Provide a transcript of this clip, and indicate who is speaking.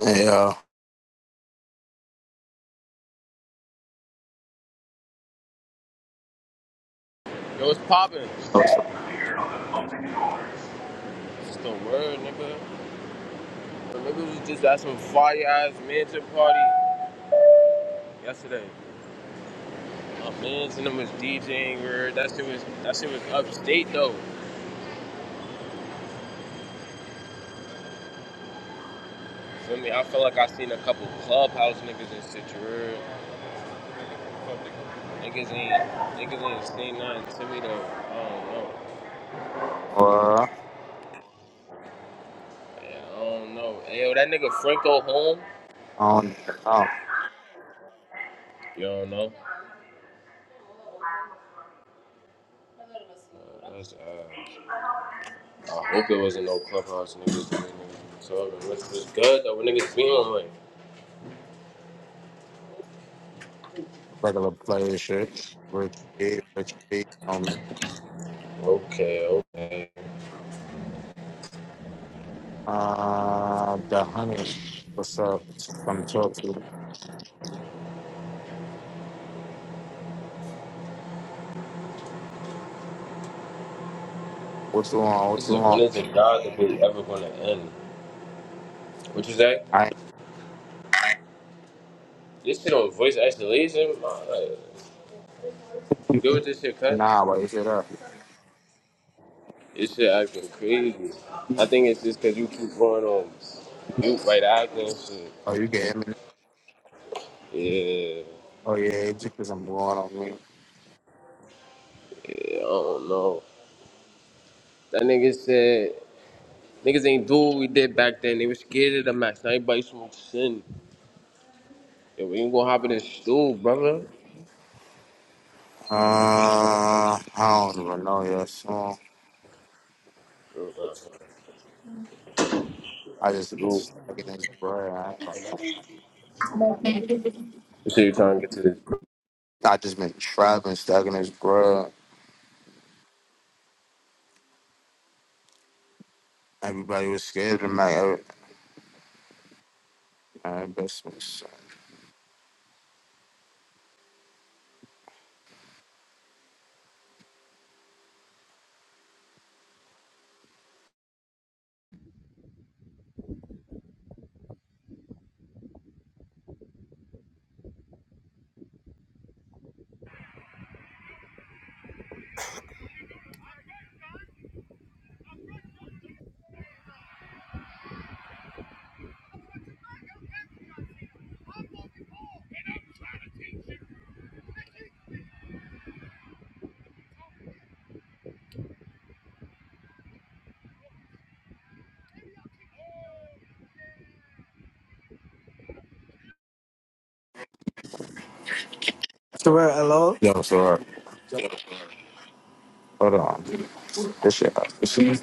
Speaker 1: Yeah.
Speaker 2: Yo, what's poppin'? Just
Speaker 1: What's up,
Speaker 2: the word, nigga. Remember we just at some fire ass mansion party yesterday. My mans and them was DJing. word. That shit was that shit was upstate though. Feel me? I feel like I seen a couple clubhouse niggas and shit. You heard? Niggas ain't niggas ain't seen nothing to me though. I don't know.
Speaker 1: boy? I
Speaker 2: Yeah, I don't know. Hey, yo, that nigga Franco home?
Speaker 1: don't know.
Speaker 2: You don't know? Uh, That's uh. I hope it wasn't no clubhouse niggas. the way niggas be talking. Which was good though. When niggas be on like,
Speaker 1: Regular player shit. Rich B, Rich B, homie.
Speaker 2: okay, okay.
Speaker 1: Uh, the honey. What's up? Come talk to me. What you want? What
Speaker 2: This
Speaker 1: you
Speaker 2: is a, when
Speaker 1: want?
Speaker 2: is the God debate ever gonna end? What you say?
Speaker 1: I ain't-
Speaker 2: This shit on voice isolation? My, like, do with this shit cut?
Speaker 1: nah, but you said up.
Speaker 2: This shit acting crazy. I think it's just cause you keep going on mute right after. and shit.
Speaker 1: Oh, you getting me? now?
Speaker 2: Yeah,
Speaker 1: Oh yeah, it's because I'm going on me.
Speaker 2: yeah, I don't know. That nigga said niggas ain't do what we did back then. They were scared of the max. Now everybody smokes sin. Yeah, we ain't gonna hop in this stool, brother.
Speaker 1: Uh, I don't even know your song.
Speaker 2: Uh, uh, uh,
Speaker 1: I just been
Speaker 2: Stool.
Speaker 1: stuck in this bread. I, ain't gonna-
Speaker 2: You shit you trying to get to this
Speaker 1: I just been trapping, stuck in this bread. Everybody was scared of my, every, my investments.
Speaker 3: Swear, hello?
Speaker 1: Yo, so Hold on. This shit.